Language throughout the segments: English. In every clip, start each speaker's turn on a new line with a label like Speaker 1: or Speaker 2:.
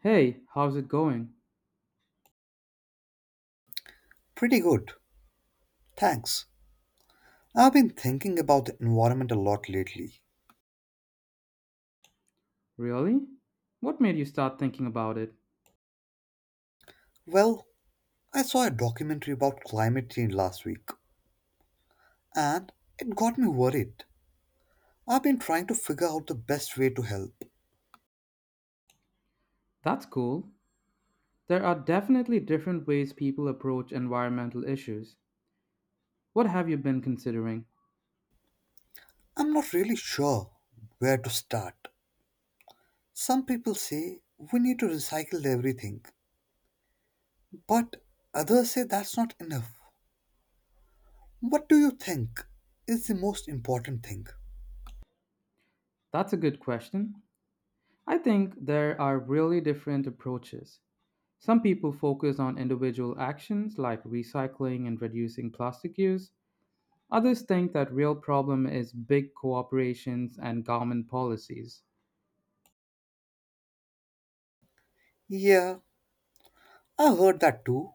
Speaker 1: Hey, how's it going?
Speaker 2: Pretty good, thanks. I've been thinking about the environment a lot lately.
Speaker 1: Really? What made you start thinking about it?
Speaker 2: Well, I saw a documentary about climate change last week, and it got me worried. I've been trying to figure out the best way to help.
Speaker 1: That's cool. There are definitely different ways people approach environmental issues. What have you been considering?
Speaker 2: I'm not really sure where to start. Some people say we need to recycle everything, but others say that's not enough. What do you think is the most important thing?
Speaker 1: That's a good question. I think there are really different approaches. Some people focus on individual actions like recycling and reducing plastic use. Others think that real problem is big corporations and government policies.
Speaker 2: Yeah, I heard that too.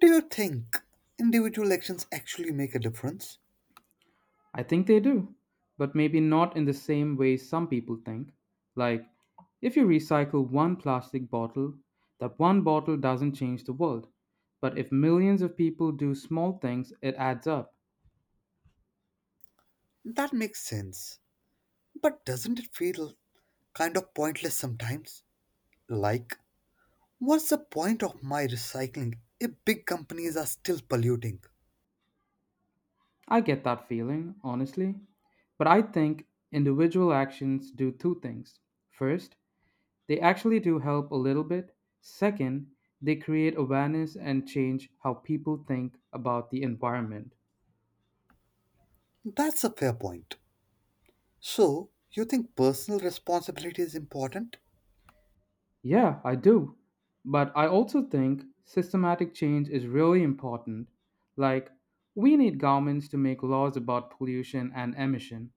Speaker 2: Do you think individual actions actually make a difference?
Speaker 1: I think they do, but maybe not in the same way some people think. Like, if you recycle one plastic bottle, that one bottle doesn't change the world. But if millions of people do small things, it adds up.
Speaker 2: That makes sense. But doesn't it feel kind of pointless sometimes? Like, what's the point of my recycling if big companies are still polluting?
Speaker 1: I get that feeling, honestly. But I think individual actions do two things. First, they actually do help a little bit. Second, they create awareness and change how people think about the environment.
Speaker 2: That's a fair point. So, you think personal responsibility is important?
Speaker 1: Yeah, I do. But I also think systematic change is really important. Like, we need governments to make laws about pollution and emission.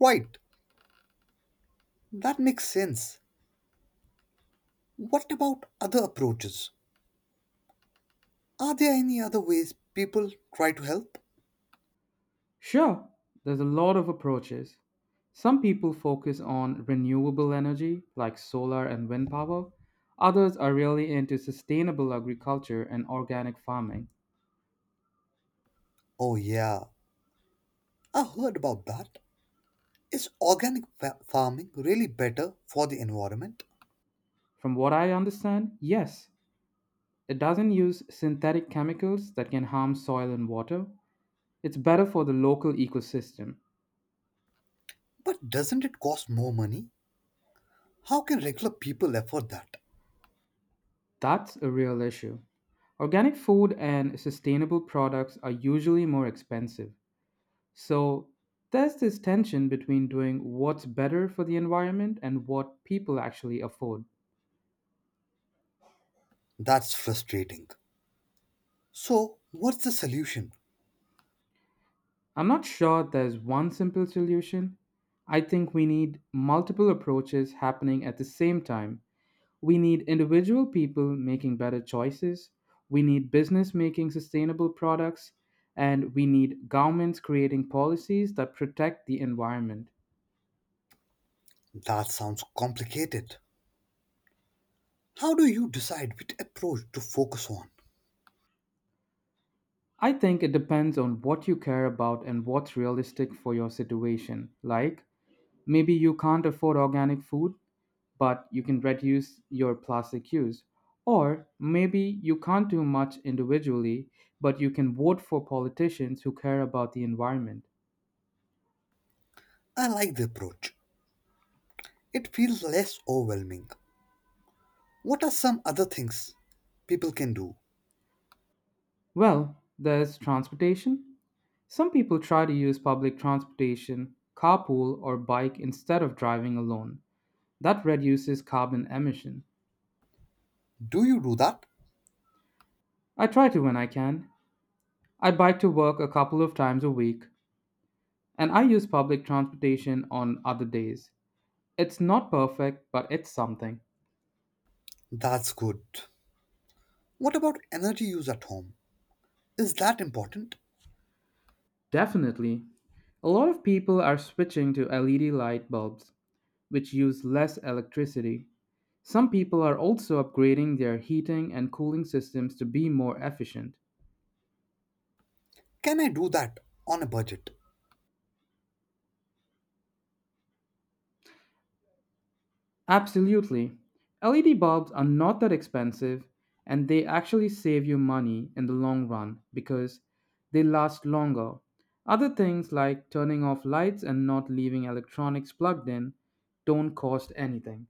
Speaker 2: Right, that makes sense. What about other approaches? Are there any other ways people try to help?
Speaker 1: Sure, there's a lot of approaches. Some people focus on renewable energy, like solar and wind power. Others are really into sustainable agriculture and organic farming.
Speaker 2: Oh, yeah, I heard about that. Is farming really better for the environment?
Speaker 1: From what I understand, yes, it doesn't use synthetic chemicals that can harm soil and water. It's better for the local ecosystem.
Speaker 2: But doesn't it cost more money? How can regular people afford that?
Speaker 1: That's a real issue. Organic food and sustainable products are usually more expensive. So there's this tension between doing what's better for the environment and what people actually afford.
Speaker 2: That's frustrating. So, what's the solution?
Speaker 1: I'm not sure there's one simple solution. I think we need multiple approaches happening at the same time. We need individual people making better choices, we need business making sustainable products, and we need governments creating policies that protect the environment.
Speaker 2: That sounds complicated. How do you decide which approach to focus on?
Speaker 1: I think it depends on what you care about and what's realistic for your situation. Like, maybe you can't afford organic food, but you can reduce your plastic use. Or maybe you can't do much individually, but you can vote for politicians who care about the environment.
Speaker 2: I like the approach. It feels less overwhelming. What are some other things people can do?
Speaker 1: Well, there's transportation. Some people try to use public transportation, carpool, or bike instead of driving alone. That reduces carbon emission.
Speaker 2: Do you do that?
Speaker 1: I try to when I can, I bike to work a couple of times a week, and I use public transportation on other days. It's not perfect, but it's something.
Speaker 2: That's good. What about energy use at home? Is that important?
Speaker 1: Definitely. A lot of people are switching to LED light bulbs, which use less electricity. Some people are also upgrading their heating and cooling systems to be more efficient.
Speaker 2: Can I do that on a budget?
Speaker 1: Absolutely. LED bulbs are not that expensive and they actually save you money in the long run because they last longer. Other things like turning off lights and not leaving electronics plugged in don't cost anything.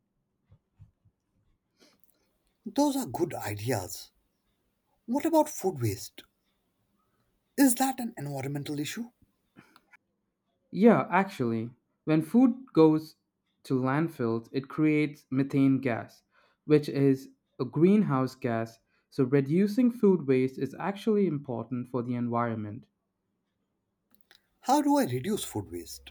Speaker 2: Those are good ideas. What about food waste? Is that an environmental issue?
Speaker 1: Yeah, actually, when food goes to landfills, it creates methane gas, which is a greenhouse gas, so reducing food waste is actually important for the environment.
Speaker 2: How do I reduce food waste?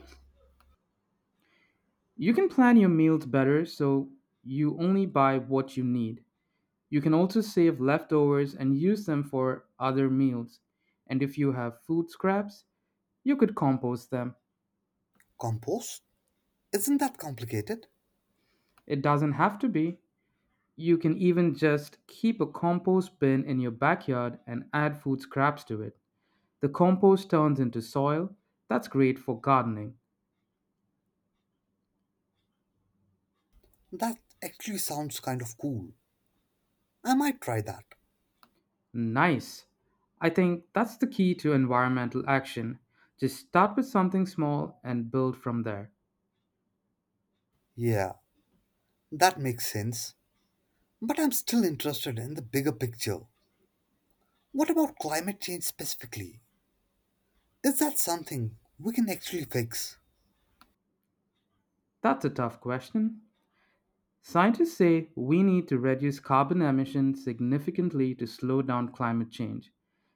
Speaker 1: You can plan your meals better so you only buy what you need. You can also save leftovers and use them for other meals. And if you have food scraps, you could compost them.
Speaker 2: Compost? Isn't that complicated?
Speaker 1: It doesn't have to be. You can even just keep a compost bin in your backyard and add food scraps to it. The compost turns into soil. That's great for gardening.
Speaker 2: That actually sounds kind of cool. I might try that.
Speaker 1: Nice. I think that's the key to environmental action. Just start with something small and build from there.
Speaker 2: Yeah, that makes sense. But I'm still interested in the bigger picture. What about climate change specifically? Is that something we can actually fix?
Speaker 1: That's a tough question. Scientists say we need to reduce carbon emissions significantly to slow down climate change.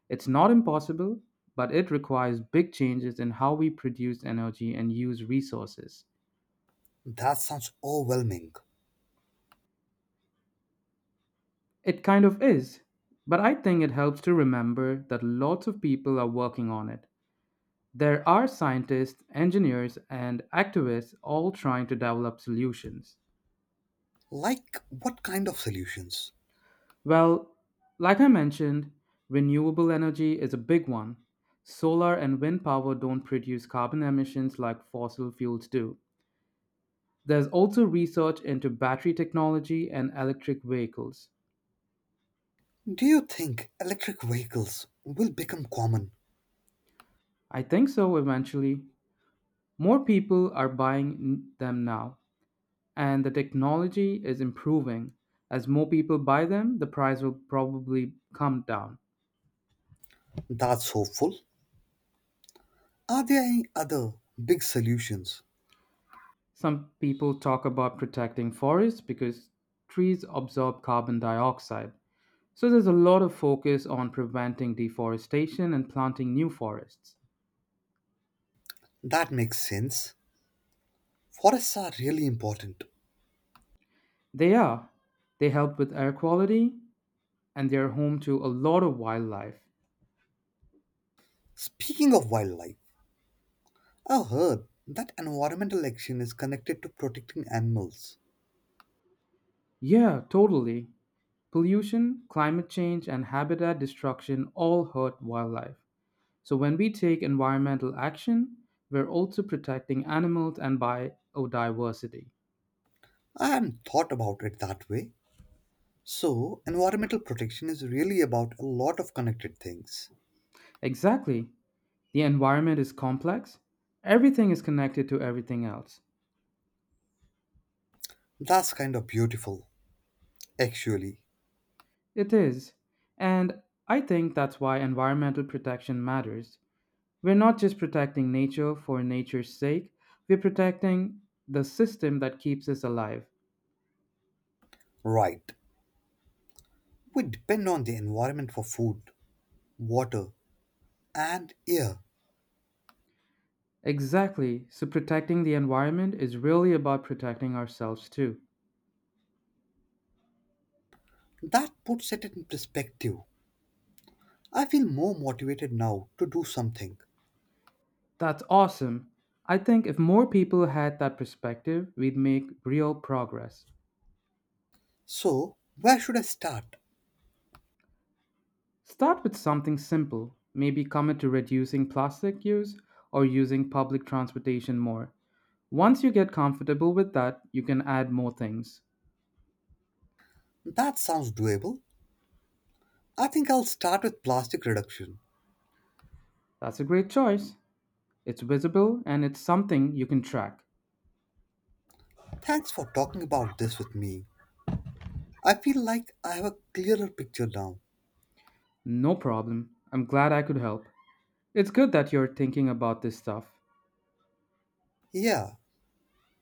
Speaker 1: It's not impossible, but it requires big changes in how we produce energy and use resources.
Speaker 2: That sounds overwhelming.
Speaker 1: It kind of is, but I think it helps to remember that lots of people are working on it. There are scientists, engineers, and activists all trying to develop solutions.
Speaker 2: Like, what kind of solutions?
Speaker 1: Well, like I mentioned, renewable energy is a big one. Solar and wind power don't produce carbon emissions like fossil fuels do. There's also research into battery technology and electric vehicles.
Speaker 2: Do you think electric vehicles will become common?
Speaker 1: I think so eventually. More people are buying them now, and the technology is improving. As more people buy them, the price will probably come down.
Speaker 2: That's hopeful. Are there any other big solutions?
Speaker 1: Some people talk about protecting forests because trees absorb carbon dioxide. So there's a lot of focus on preventing deforestation and planting new forests.
Speaker 2: That makes sense. Forests are really important.
Speaker 1: They are. They help with air quality and they're home to a lot of wildlife.
Speaker 2: Speaking of wildlife, I've heard that environmental action is connected to protecting animals.
Speaker 1: Yeah, totally. Pollution, climate change, and habitat destruction all hurt wildlife. So when we take environmental action, we're also protecting animals and biodiversity.
Speaker 2: I hadn't thought about it that way. So, environmental protection is really about a lot of connected things.
Speaker 1: Exactly. The environment is complex. Everything is connected to everything else.
Speaker 2: That's kind of beautiful, actually.
Speaker 1: It is. And I think that's why environmental protection matters. We're not just protecting nature for nature's sake, we're protecting the system that keeps us alive.
Speaker 2: Right. We depend on the environment for food, water, and air.
Speaker 1: Exactly. So protecting the environment is really about protecting ourselves too.
Speaker 2: That puts it in perspective. I feel more motivated now to do something.
Speaker 1: That's awesome. I think if more people had that perspective, we'd make real progress.
Speaker 2: So, where should I start?
Speaker 1: Start with something simple. Maybe commit to reducing plastic use or using public transportation more. Once you get comfortable with that, you can add more things.
Speaker 2: That sounds doable. I think I'll start with plastic reduction.
Speaker 1: That's a great choice. It's visible and it's something you can track.
Speaker 2: Thanks for talking about this with me. I feel like I have a clearer picture now.
Speaker 1: No problem. I'm glad I could help. It's good that you're thinking about this stuff.
Speaker 2: Yeah,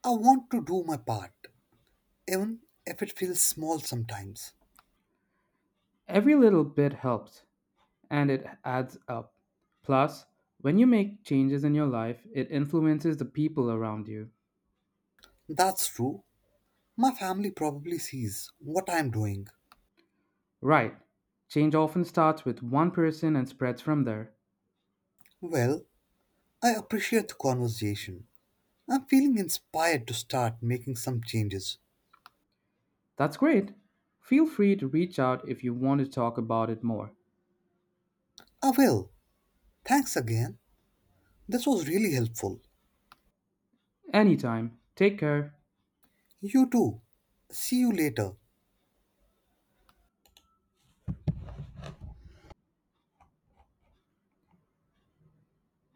Speaker 2: I want to do my part, even if it feels small sometimes.
Speaker 1: Every little bit helps and it adds up. Plus, when you make changes in your life, it influences the people around you.
Speaker 2: That's true. My family probably sees what I'm doing.
Speaker 1: Right. Change often starts with one person and spreads from there.
Speaker 2: Well, I appreciate the conversation. I'm feeling inspired to start making some changes.
Speaker 1: That's great. Feel free to reach out if you want to talk about it more.
Speaker 2: I will. Thanks again. This was really helpful.
Speaker 1: Anytime. Take care.
Speaker 2: You too. See you later.